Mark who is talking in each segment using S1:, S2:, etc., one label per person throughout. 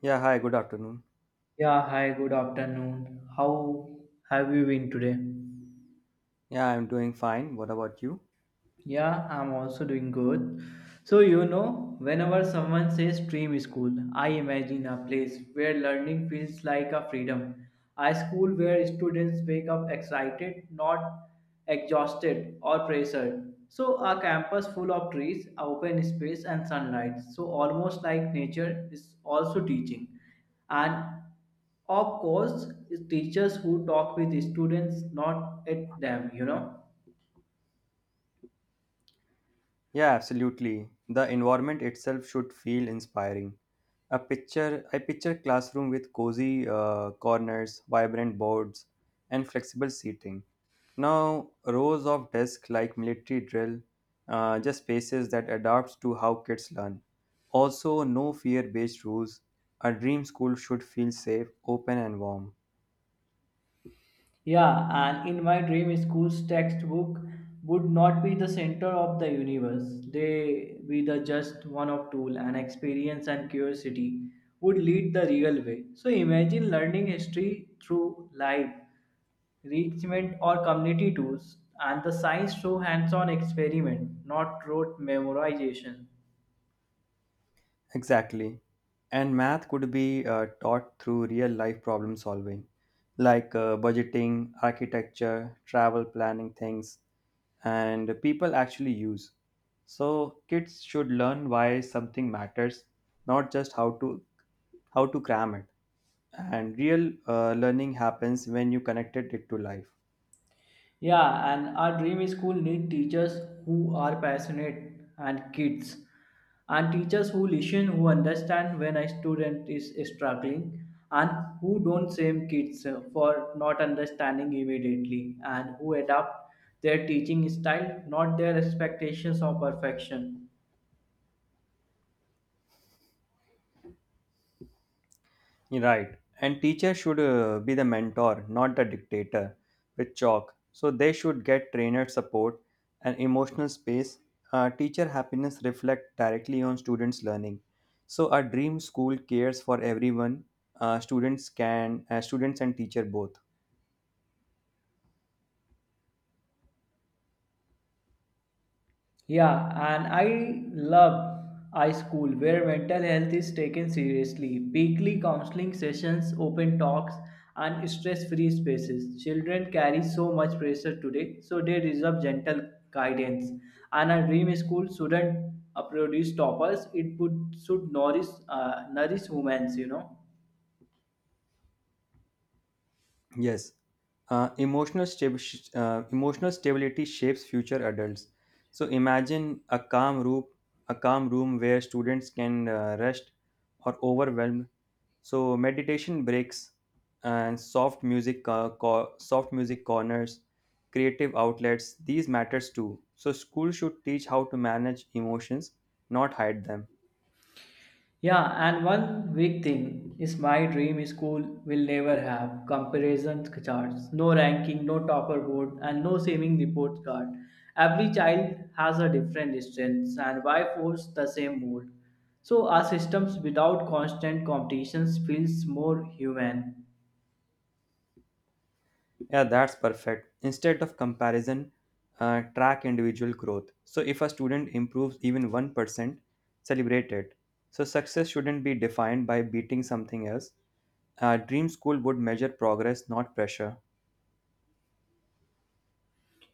S1: Yeah, hi, good afternoon.
S2: Yeah, hi, good afternoon. How have you been today?
S1: Yeah, I'm doing fine. What about you?
S2: Yeah, I'm also doing good. So, whenever someone says dream school, I imagine a place where learning feels like a freedom, a school where students wake up excited, not exhausted or pressured. So, a campus full of trees, open space, and sunlight. So, almost like nature is also teaching. And of course, it's teachers who talk with students, not at them.
S1: Yeah, absolutely. The environment itself should feel inspiring. I picture classroom with cozy corners, vibrant boards, and flexible seating. Now, rows of desks like military drill, just spaces that adapts to how kids learn. Also, no fear-based rules. A dream school should feel safe, open, and warm.
S2: Yeah, and in my dream, school's textbook would not be the center of the universe. They be the just one of tool, and experience and curiosity would lead the real way. So imagine learning history through live enrichment or community tools, and the science through hands-on experiment, not rote memorization.
S1: Exactly. And math could be taught through real life problem solving, like budgeting, architecture, travel planning things, and people actually use. So kids should learn why something matters, not just how to cram it. And real learning happens when you connected it to life.
S2: Yeah, and our dream school need teachers who are passionate and kids and teachers who listen, who understand when a student is struggling and who don't shame kids for not understanding immediately and who adapt their teaching style, not their expectations of perfection.
S1: Right. And teacher should be the mentor, not the dictator with chalk. So they should get trainer support and emotional space. Teacher happiness reflect directly on students' learning. So a dream school cares for everyone. Students and teacher both.
S2: Yeah, and I love iSchool where mental health is taken seriously. Weekly counseling sessions, open talks, and stress free spaces. Children carry so much pressure today, so they deserve gentle guidance. And a dream school shouldn't produce toppers, it would, should nourish, nourish women.
S1: Yes. Emotional stability shapes future adults. So imagine a calm room where students can rest or overwhelmed. So meditation breaks and soft music corners, creative outlets. These matters too. So school should teach how to manage emotions, not hide them.
S2: Yeah, and one big thing is my dream school will never have comparison charts, no ranking, no topper board, and no saving report card. Every child has a different strength, and why force the same mold? So, our systems without constant competitions feels more human.
S1: Yeah, that's perfect. Instead of comparison, track individual growth. So if a student improves even 1%, celebrate it. So success shouldn't be defined by beating something else. Dream school would measure progress, not pressure.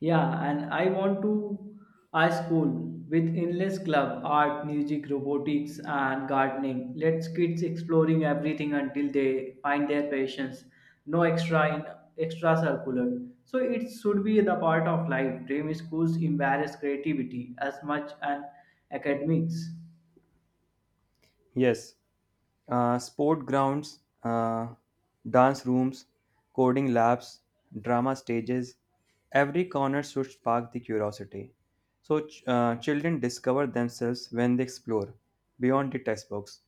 S2: Yeah, and I want to a school with endless club, art, music, robotics, and gardening. Let's kids exploring everything until they find their passions. No extra circular. So it should be the part of life. Dream schools embarrass creativity as much and academics.
S1: Yes. Sport grounds, dance rooms, coding labs, drama stages. Every corner should spark the curiosity. So, children discover themselves when they explore beyond the textbooks.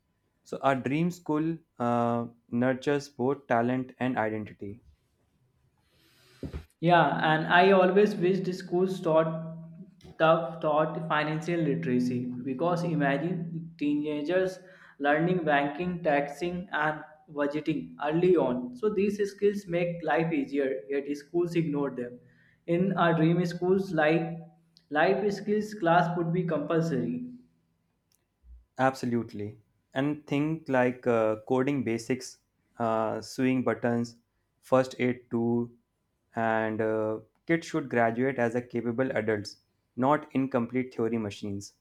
S1: So, a dream school nurtures both talent and identity.
S2: Yeah, and I always wish the schools taught financial literacy because imagine teenagers learning banking, taxing, and budgeting early on. So these skills make life easier, yet schools ignore them. In our dream schools, like life skills class would be compulsory.
S1: Absolutely. And think like coding basics, sewing buttons, first aid tool, and kids should graduate as a capable adults, not incomplete theory machines.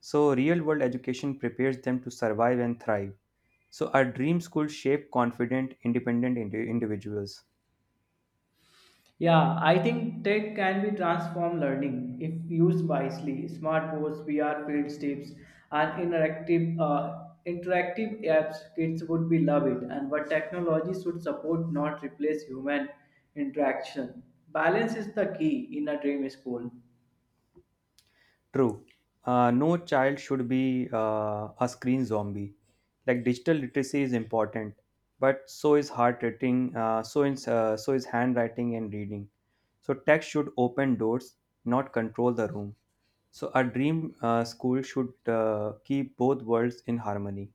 S1: So real world education prepares them to survive and thrive. So our dream school shape confident, independent individuals.
S2: Yeah, I think tech can be transform learning if used wisely. Smart boards, VR field trips, and interactive apps, kids would be love it. And what technology should support, not replace human interaction. Balance is the key in a dream school.
S1: True. No child should be a screen zombie. Like digital literacy is important, but so is heart rating, so is handwriting and reading. So tech should open doors, not control the room. So a dream school should keep both worlds in harmony.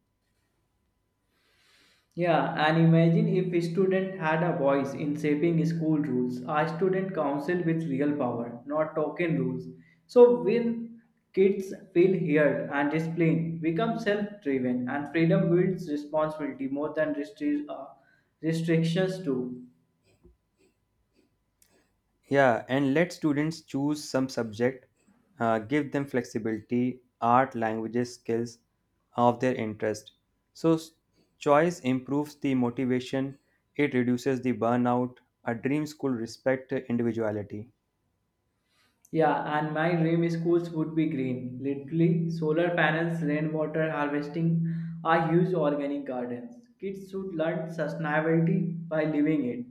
S2: Yeah, and imagine if a student had a voice in shaping school rules, a student council with real power, not token rules. So when kids feel heard and disciplined, become self-driven, and freedom builds responsibility more than restrictions do.
S1: Yeah, and let students choose some subject, give them flexibility, art, languages, skills of their interest. So, choice improves the motivation, it reduces the burnout. A dream school respect individuality.
S2: Yeah, and my dream schools would be green. Literally, solar panels, rainwater harvesting, are huge organic gardens. Kids should learn sustainability by living it.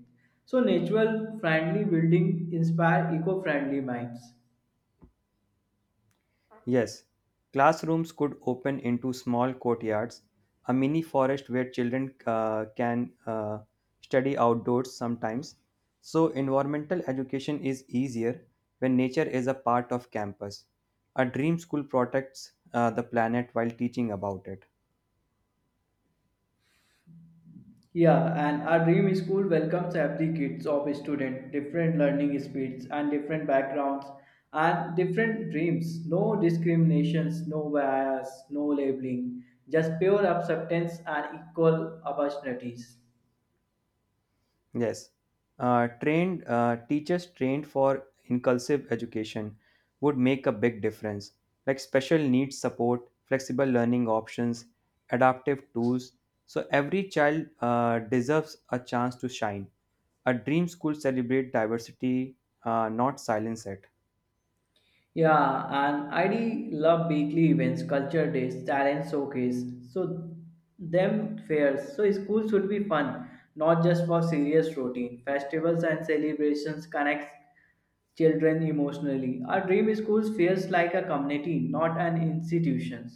S2: So, natural friendly building inspire eco friendly minds.
S1: Yes, classrooms could open into small courtyards, a mini forest where children can study outdoors sometimes. So, environmental education is easier when nature is a part of campus. A dream school protects the planet while teaching about it.
S2: Yeah, and our dream school welcomes every kids of student, different learning speeds and different backgrounds and different dreams. No discriminations, no bias, no labeling, just pure acceptance and equal opportunities.
S1: Yes. Trained Teachers trained for inclusive education would make a big difference, like special needs support, flexible learning options, adaptive tools. So every child deserves a chance to shine. A dream school celebrate diversity, not silence it.
S2: Yeah, and I D love weekly events, culture days, talent showcase. So them fairs. So school should be fun, not just for serious routine. Festivals and celebrations connect children emotionally. Our dream schools feels like a community, not an institution.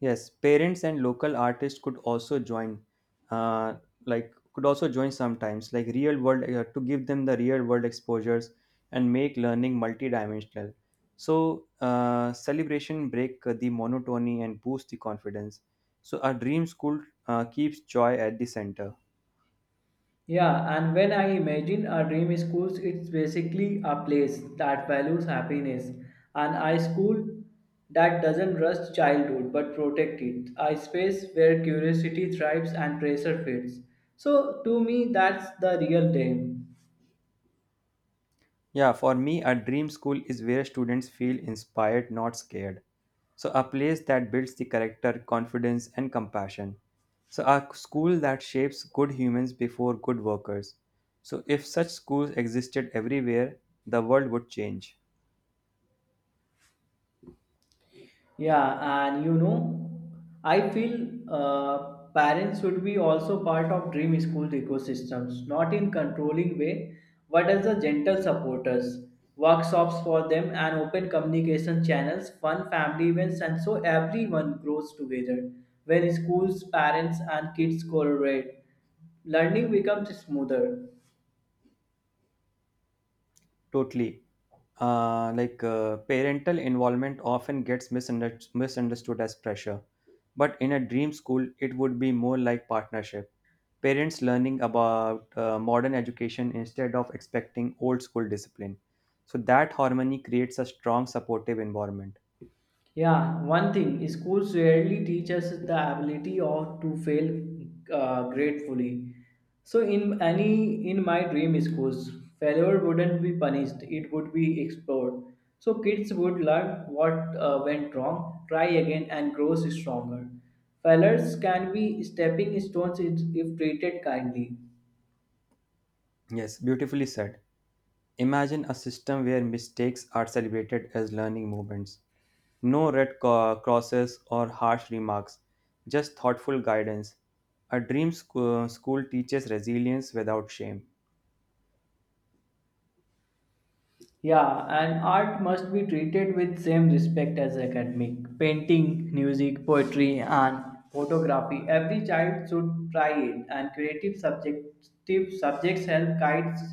S1: Yes, parents and local artists uh, could also join sometimes, like real world to give them the real world exposures and make learning multidimensional. So celebration break the monotony and boost the confidence. So a dream school keeps joy at the center.
S2: Yeah, and when I imagine a dream schools, it's basically a place that values happiness and a school that doesn't rush childhood but protect it, a space where curiosity thrives and pressure fades. So to me, that's the real dream.
S1: Yeah, for me, a dream school is where students feel inspired, not scared. So, a place that builds the character, confidence, and compassion. So, a school that shapes good humans before good workers. So, if such schools existed everywhere, the world would change
S2: Yeah, and I feel parents should be also part of dream school ecosystems, not in controlling way, but as a gentle supporters, workshops for them and open communication channels, fun family events, and so everyone grows together. When schools, parents, and kids collaborate, learning becomes smoother.
S1: totally. Like parental involvement often gets misunderstood as pressure, but in a dream school, it would be more like partnership parents learning about modern education instead of expecting old school discipline. So that harmony creates a strong supportive environment.
S2: Yeah, one thing schools rarely teach us the ability of to fail gratefully. So in my dream schools, failure wouldn't be punished; it would be explored. So kids would learn what went wrong, try again, and grow stronger. Failures can be stepping stones if treated kindly.
S1: Yes, beautifully said. Imagine a system where mistakes are celebrated as learning moments. No red crosses or harsh remarks, just thoughtful guidance. A dream school teaches resilience without shame.
S2: Yeah, and art must be treated with same respect as academic. Painting, music, poetry, and photography. Every child should try it, and creative subjective subjects help kids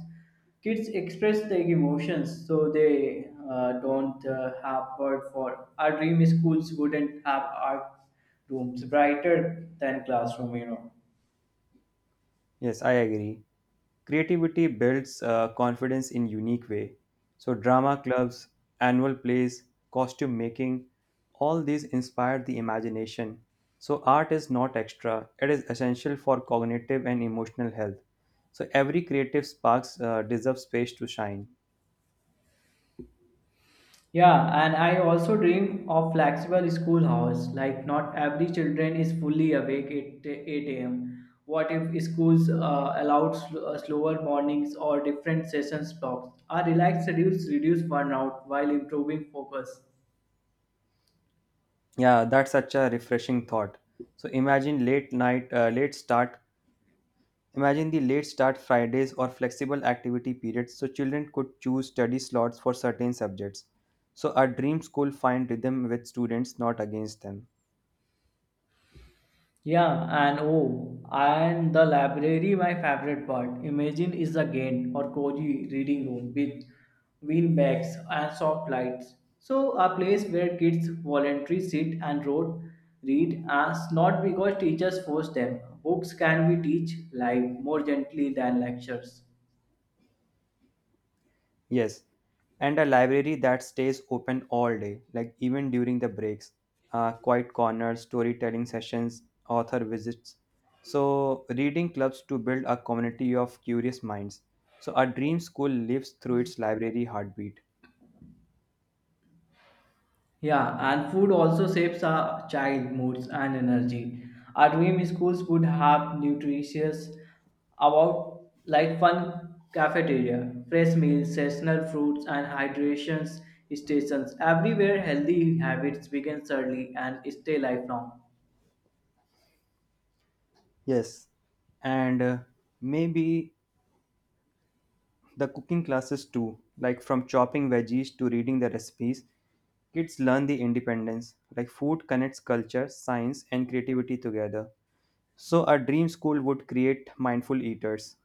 S2: kids express their emotions, so they don't have word for. Our dream schools wouldn't have art rooms brighter than classroom. You know.
S1: Yes, I agree. Creativity builds confidence in unique way. So drama clubs, annual plays, costume making, all these inspire the imagination. So art is not extra; it is essential for cognitive and emotional health. So every creative sparks deserves space to shine.
S2: Yeah, and I also dream of flexible school hours. Like not every children is fully awake at 8 a.m. What if schools allowed slower mornings or different sessions blocks? Our relaxed schedules reduce burnout while improving focus.
S1: Yeah, that's such a refreshing thought. So imagine late night, uh, late start Imagine the late start Fridays or flexible activity periods so children could choose study slots for certain subjects. So a dream school find rhythm with students, not against them.
S2: Yeah, and oh, and the library, my favorite part. Imagine is a gain or cozy reading room with beanbags and soft lights. So a place where kids voluntarily sit and wrote, read, as not because teachers force them. Books can be teach life more gently than lectures.
S1: Yes, and a library that stays open all day, like even during the breaks, quiet corners, storytelling sessions, author visits. So reading clubs to build a community of curious minds. So a dream school lives through its library heartbeat.
S2: Yeah, and food also shapes our child moods and energy. Our dream schools would have nutritious about like fun cafeteria, fresh meals, seasonal fruits and hydration stations. Everywhere healthy habits begin early and stay lifelong.
S1: Yes, and maybe the cooking classes too, like from chopping veggies to reading the recipes, kids learn the independence. Like food connects culture, science, and creativity together. So, a dream school would create mindful eaters.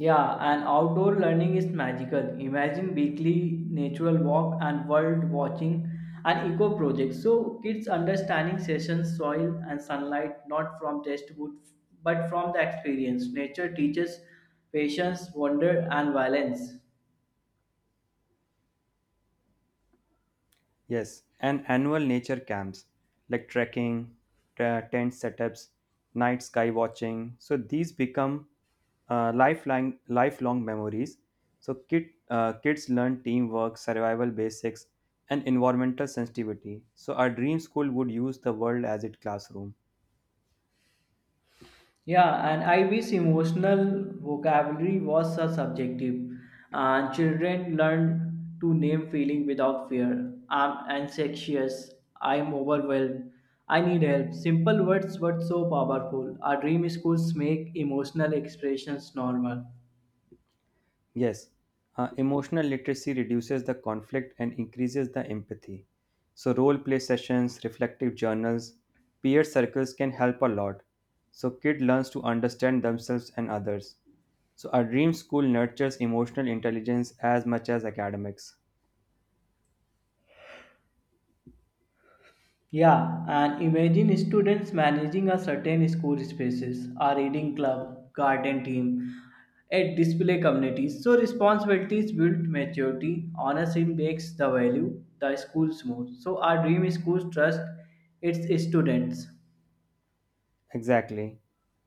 S2: Yeah, and outdoor learning is magical. Imagine weekly natural walk and world watching and eco projects. So kids understanding sessions, soil and sunlight not from textbook but from the experience. Nature teaches patience, wonder and balance.
S1: Yes, and annual nature camps like trekking, t- tent setups, night sky watching. So these become lifelong memories. So kids learn teamwork, survival basics, and environmental sensitivity. So our dream school would use the world as its classroom.
S2: Yeah, and I wish emotional vocabulary was so subjective, and children learn to name feeling without fear. I'm anxious. I'm overwhelmed. I need help. Simple words but so powerful. Our dream schools make emotional expressions normal.
S1: Yes, emotional literacy reduces the conflict and increases the empathy. So, role play sessions, reflective journals, peer circles can help a lot. So, kid learns to understand themselves and others. So, a dream school nurtures emotional intelligence as much as academics.
S2: Yeah, and imagine students managing a certain school spaces, a reading club, garden team, a display community. So responsibilities build maturity, honesty makes the value, the schools more. So our dream schools trust its students.
S1: Exactly.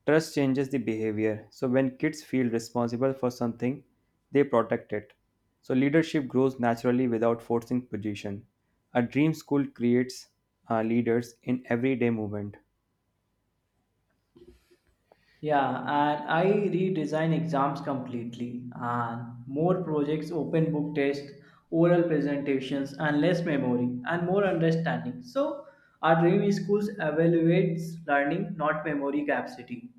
S1: Trust changes the behavior. So when kids feel responsible for something, they protect it. So leadership grows naturally without forcing position. A dream school creates leaders in everyday movement.
S2: Yeah, and I redesign exams completely and more projects, open book tests, oral presentations, and less memory and more understanding. So our dream is schools evaluates learning, not memory capacity.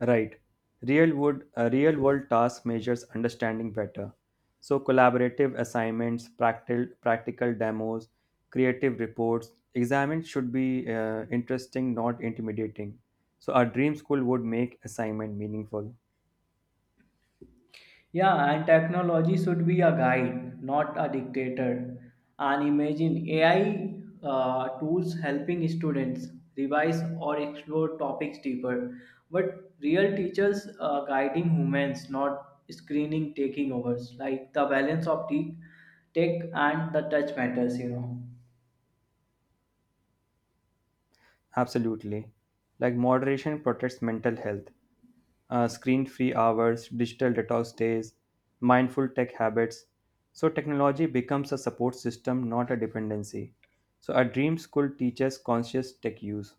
S1: Right. A real world task measures understanding better. So collaborative assignments, practical demos, creative reports, exams should be interesting, not intimidating. So our dream school would make assignment meaningful.
S2: Yeah, and technology should be a guide, not a dictator. And imagine AI tools helping students revise or explore topics deeper, but real teachers guiding humans, not screening taking overs. Like the balance of tech and the touch matters.
S1: Absolutely. Like moderation protects mental health. Screen free hours, digital detox days, mindful tech habits. So, technology becomes a support system, not a dependency. So, a dream school teaches conscious tech use.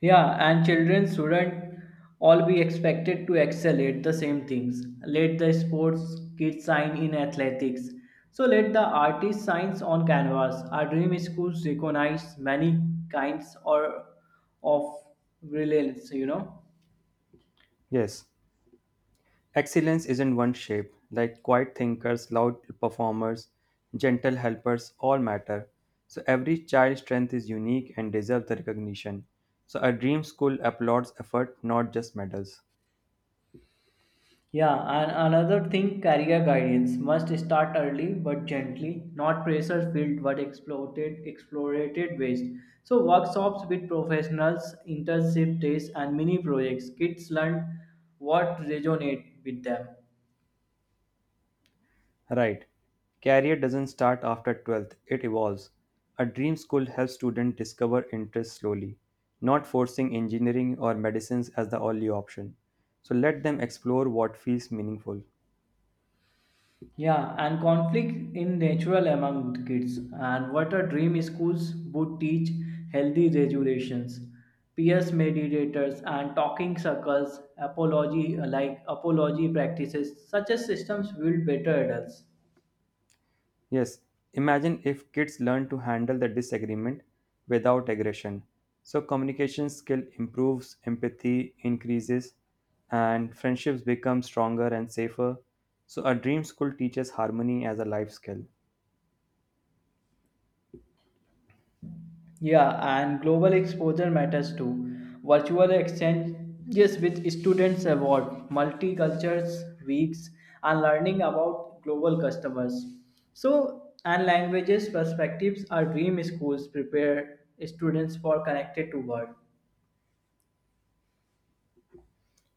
S2: Yeah, and children shouldn't all be expected to excel at the same things. Let the sports kids shine in athletics. So let the artist shine on canvas. Our dream schools recognize many kinds or of brilliance.
S1: Yes, excellence isn't one shape, like quiet thinkers, loud performers, gentle helpers all matter. So, every child's strength is unique and deserves the recognition. So, a dream school applauds effort, not just medals.
S2: Yeah, and another thing, career guidance must start early but gently, not pressure filled but exploited, explorated ways. So workshops with professionals, internship days, and mini projects. Kids learn what resonate with them.
S1: Right. Career doesn't start after 12th, it evolves. A dream school helps students discover interests slowly, not forcing engineering or medicines as the only option. So let them explore what feels meaningful.
S2: Yeah, and conflict in natural among the kids. And what a dream schools would teach healthy regulations, peers mediators, and talking circles, apology like apology practices. Such as systems build better adults.
S1: Yes, imagine if kids learn to handle the disagreement without aggression. So communication skill improves, empathy increases, and friendships become stronger and safer. So a dream school teaches harmony as a life skill.
S2: Yeah, and global exposure matters too. Virtual exchanges with students about multicultures, weeks, and learning about global customers. So, and languages perspectives are dream schools prepare students for connected to world.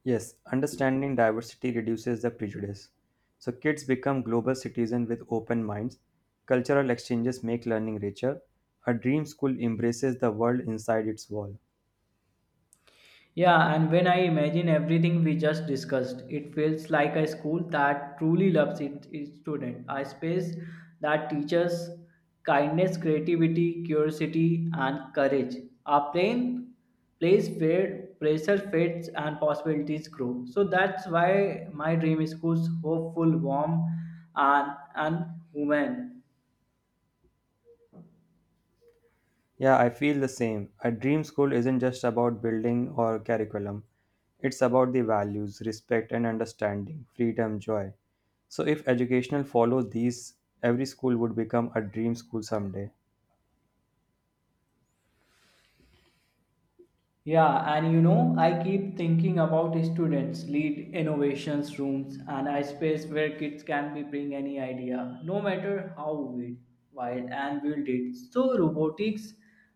S1: Yes, understanding diversity reduces the prejudice. So kids become global citizens with open minds. Cultural exchanges make learning richer. A dream school embraces the world inside its wall.
S2: Yeah, and when I imagine everything we just discussed, it feels like a school that truly loves its student, a space that teaches kindness, creativity, curiosity, and courage. A plain place where pressure fades and possibilities grow. So that's why my dream school's hopeful, warm, and human.
S1: Yeah, I feel the same. A dream school isn't just about building or curriculum. It's about the values, respect and understanding, freedom, joy. So if educational follows these, every school would become a dream school someday.
S2: Yeah, and I keep thinking about students lead innovations rooms and a space where kids can be bring any idea, no matter how weird, wild and build it. So robotics,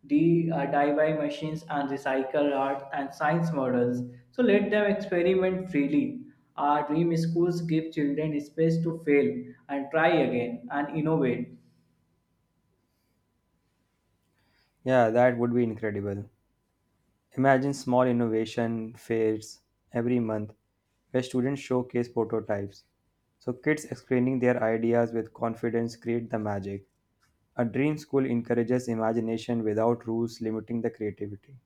S2: DIY machines and recycle art and science models. So let them experiment freely. Our dream schools give children space to fail and try again and innovate.
S1: Yeah, that would be incredible. Imagine small innovation fairs every month where students showcase prototypes. So kids explaining their ideas with confidence create the magic. A dream school encourages imagination without rules limiting the creativity.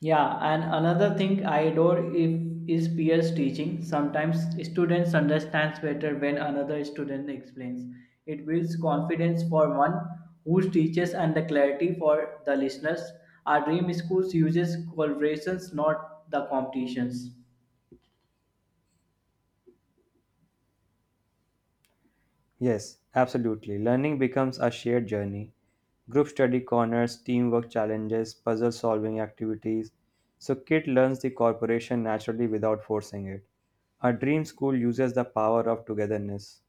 S2: Yeah, and another thing I adore if is peers teaching. Sometimes students understands better when another student explains. It builds confidence for one who teaches and the clarity for the listeners. Our dream schools uses collaborations, not the competitions.
S1: Yes, absolutely. Learning becomes a shared journey. Group study corners, teamwork challenges, puzzle solving activities. So kid learns the cooperation naturally without forcing it. A dream school uses the power of togetherness.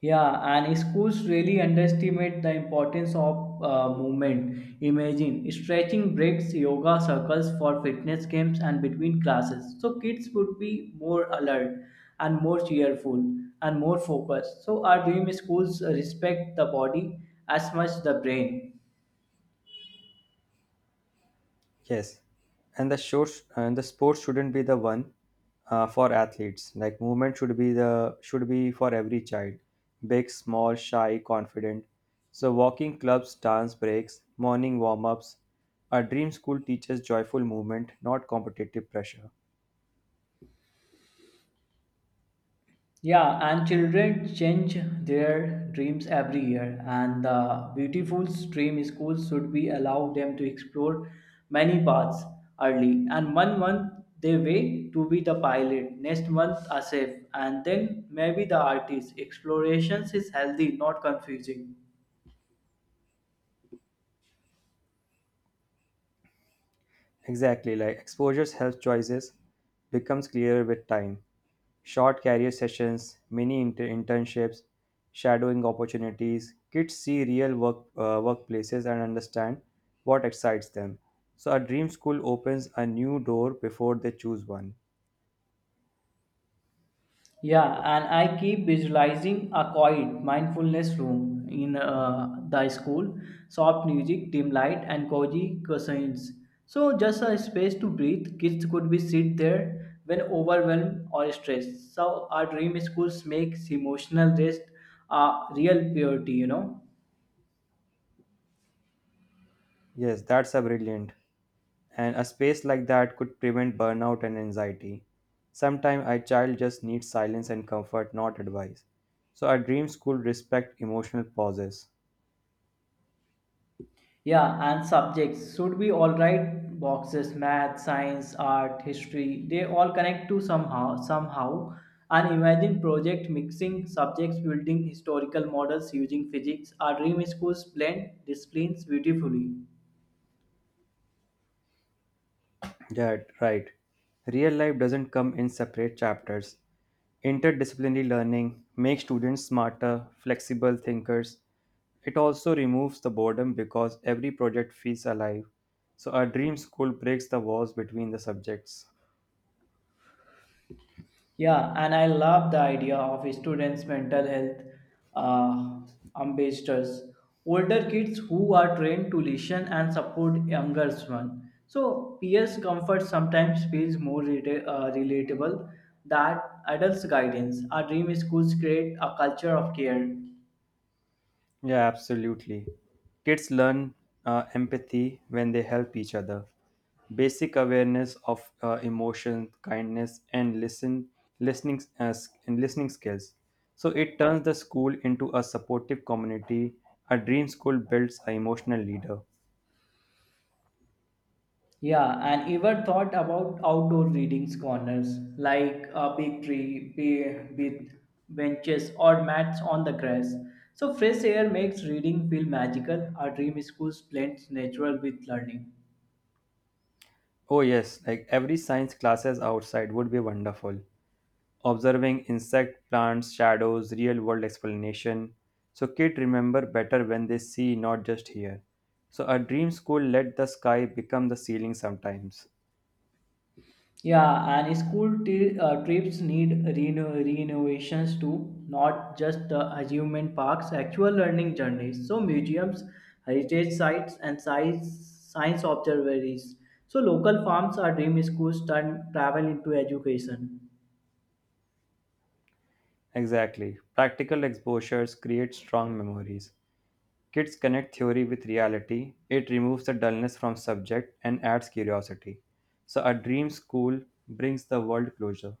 S2: Yeah, and schools really underestimate the importance of movement. Imagine stretching breaks, yoga circles for fitness games, and between classes. So kids would be more alert and more cheerful and more focused. So our dream schools respect the body as much the brain.
S1: Yes, and the shows and the sport shouldn't be the one for athletes. Like movement should be for every child, big, small, shy, confident. So walking clubs, dance breaks, morning warm ups. Our dream school teaches joyful movement, not competitive pressure.
S2: Yeah, and children change their dreams every year, and the beautiful dream schools should be allow them to explore many paths early. And one month they way to be the pilot, next month a chef, and then maybe the artist. Explorations is healthy, not confusing.
S1: Exactly, like exposure's health choices becomes clearer with time. Short career sessions, mini internships, shadowing opportunities. Kids see real work workplaces and understand what excites them. So a dream school opens a new door before they choose one.
S2: Yeah, and I keep visualizing a quiet mindfulness room in the school, soft music, dim light, and cozy cushions. So just a space to breathe. Kids could be sit there when overwhelmed or stressed. So our dream schools makes emotional rest a real purity.
S1: Yes, that's a brilliant. And a space like that could prevent burnout and anxiety. Sometimes a child just needs silence and comfort, not advice. So a dream school respect emotional pauses.
S2: Yeah, and subjects should be all right boxes, math, science, art, history, they all connect to somehow. An imagine project mixing subjects, building historical models using physics, our dream schools blend disciplines beautifully.
S1: Yeah, right. Real life doesn't come in separate chapters. Interdisciplinary learning makes students smarter, flexible thinkers. It also removes the boredom because every project feels alive. So, a dream school breaks the walls between the subjects.
S2: Yeah, and I love the idea of students' mental health uh, ambassadors, older kids who are trained to listen and support younger ones. So peers' comfort sometimes feels more relatable than adults' guidance. Our dream schools create a culture of care.
S1: Yeah, absolutely. Kids learn empathy when they help each other. Basic awareness of emotion, kindness, and listening skills. So it turns the school into a supportive community. A dream school builds an emotional leader.
S2: Yeah, and ever thought about outdoor readings corners like a big tree with benches or mats on the grass. So fresh air makes reading feel magical. A dream school blends natural with learning.
S1: Oh yes, like every science classes outside would be wonderful. Observing insect plants shadows real world explanation. So kids remember better when they see, not just hear. So a dream school let the sky become the ceiling sometimes.
S2: Yeah, and school trips need renovations too, not just amusement parks, actual learning journeys. So, museums, heritage sites, and science observatories. So, local farms are dream schools turn travel into education.
S1: Exactly, practical exposures create strong memories. Kids connect theory with reality. It removes the dullness from subject and adds curiosity. So a dream school brings the world closer.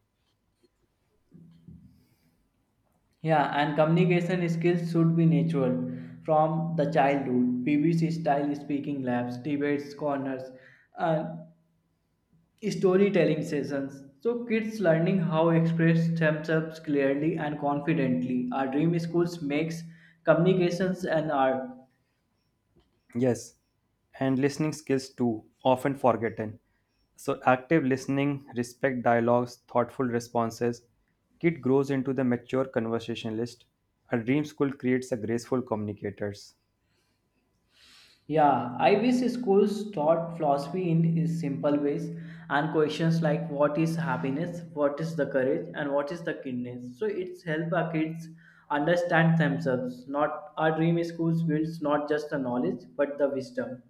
S2: Yeah, and communication skills should be natural from the childhood. BBC style speaking labs, debates, corners, and storytelling sessions. So kids learning how express themselves clearly and confidently. Our dream schools makes communications and art.
S1: Yes, and listening skills too, often forgotten. So, active listening, respect dialogues, thoughtful responses. Kid grows into the mature conversationalist. A dream school creates a graceful communicators.
S2: Yeah, I wish schools taught philosophy in is simple ways and questions like what is happiness, what is the courage, and what is the kindness. So it's help our kids understand themselves. Not our dream schools builds not just the knowledge but the wisdom.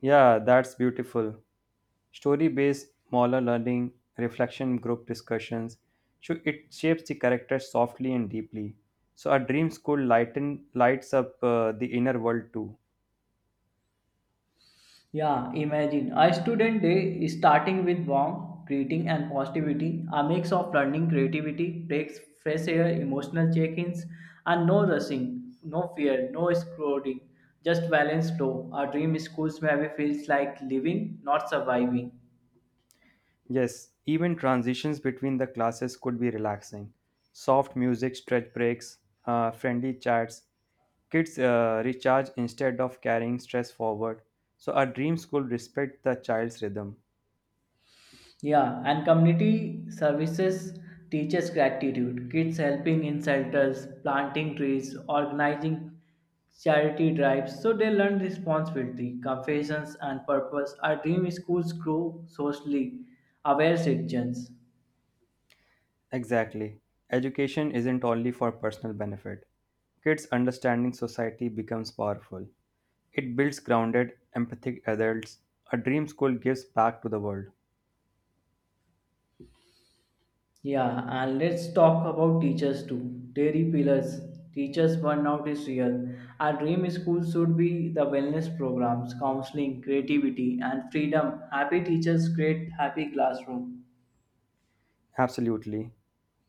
S1: Yeah, that's beautiful. Story based molar learning, reflection group discussions. So it shapes the character softly and deeply. So a dream school lights up the inner world too.
S2: Yeah, imagine a student day starting with warm greeting and positivity, a mix of learning, creativity, breaks, fresh air, emotional check-ins, and no rushing, no fear, no scrolling, just balanced flow. Our dream schools maybe feels like living, not surviving.
S1: Yes, even transitions between the classes could be relaxing. Soft music, stretch breaks, friendly chats. Kids recharge instead of carrying stress forward. So, our dream school respect the child's rhythm.
S2: Yeah, and community services teaches gratitude. Kids helping in shelters, planting trees, organizing charity drives, so they learn responsibility, confessions, and purpose. Our dream schools grow socially aware citizens.
S1: Exactly. Education isn't only for personal benefit. Kids' understanding society becomes powerful. It builds grounded, empathic adults. A dream school gives back to the world.
S2: Yeah, and let's talk about teachers too. Dairy pillars. Teachers burnout is real. Our dream school should be the wellness programs, counseling, creativity, and freedom. Happy teachers create happy classroom.
S1: Absolutely.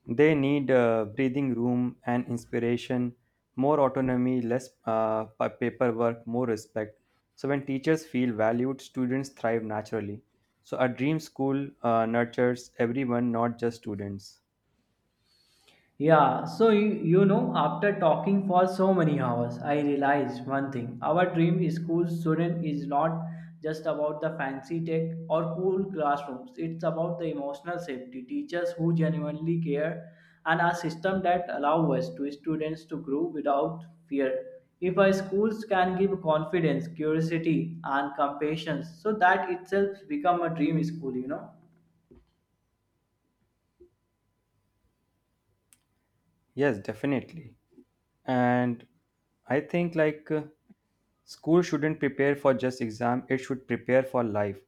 S1: They need breathing room and inspiration, more autonomy, less paperwork, more respect. So, when teachers feel valued, students thrive naturally. So, a dream school nurtures everyone, not just students.
S2: Yeah, so after talking for so many hours, I realized one thing. Our dream school student is not just about the fancy tech or cool classrooms, it's about the emotional safety, teachers who genuinely care, and a system that allows us to students to grow without fear. If our schools can give confidence, curiosity, and compassion, so that itself become a dream school.
S1: Yes, definitely. And I think like school shouldn't prepare for just exam, it should prepare for life.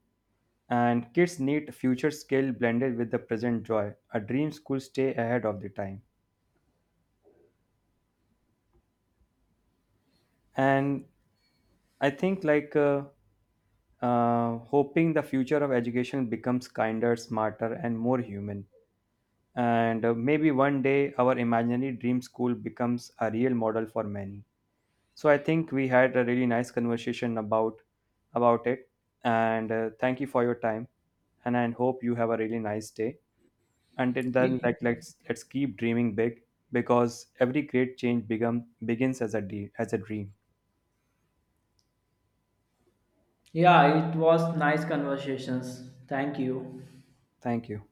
S1: And kids need future skill blended with the present joy. A dream school stay ahead of the time. And I think like hoping the future of education becomes kinder, smarter, and more human. And maybe one day our imaginary dream school becomes a real model for many. So I think we had a really nice conversation about it. And thank you for your time, and I hope you have a really nice day. Until then,
S2: Ye-
S1: like, let's keep dreaming big, because every great change become begins as a as a dream.
S2: Yeah, it was nice conversations. Thank you.
S1: Thank you.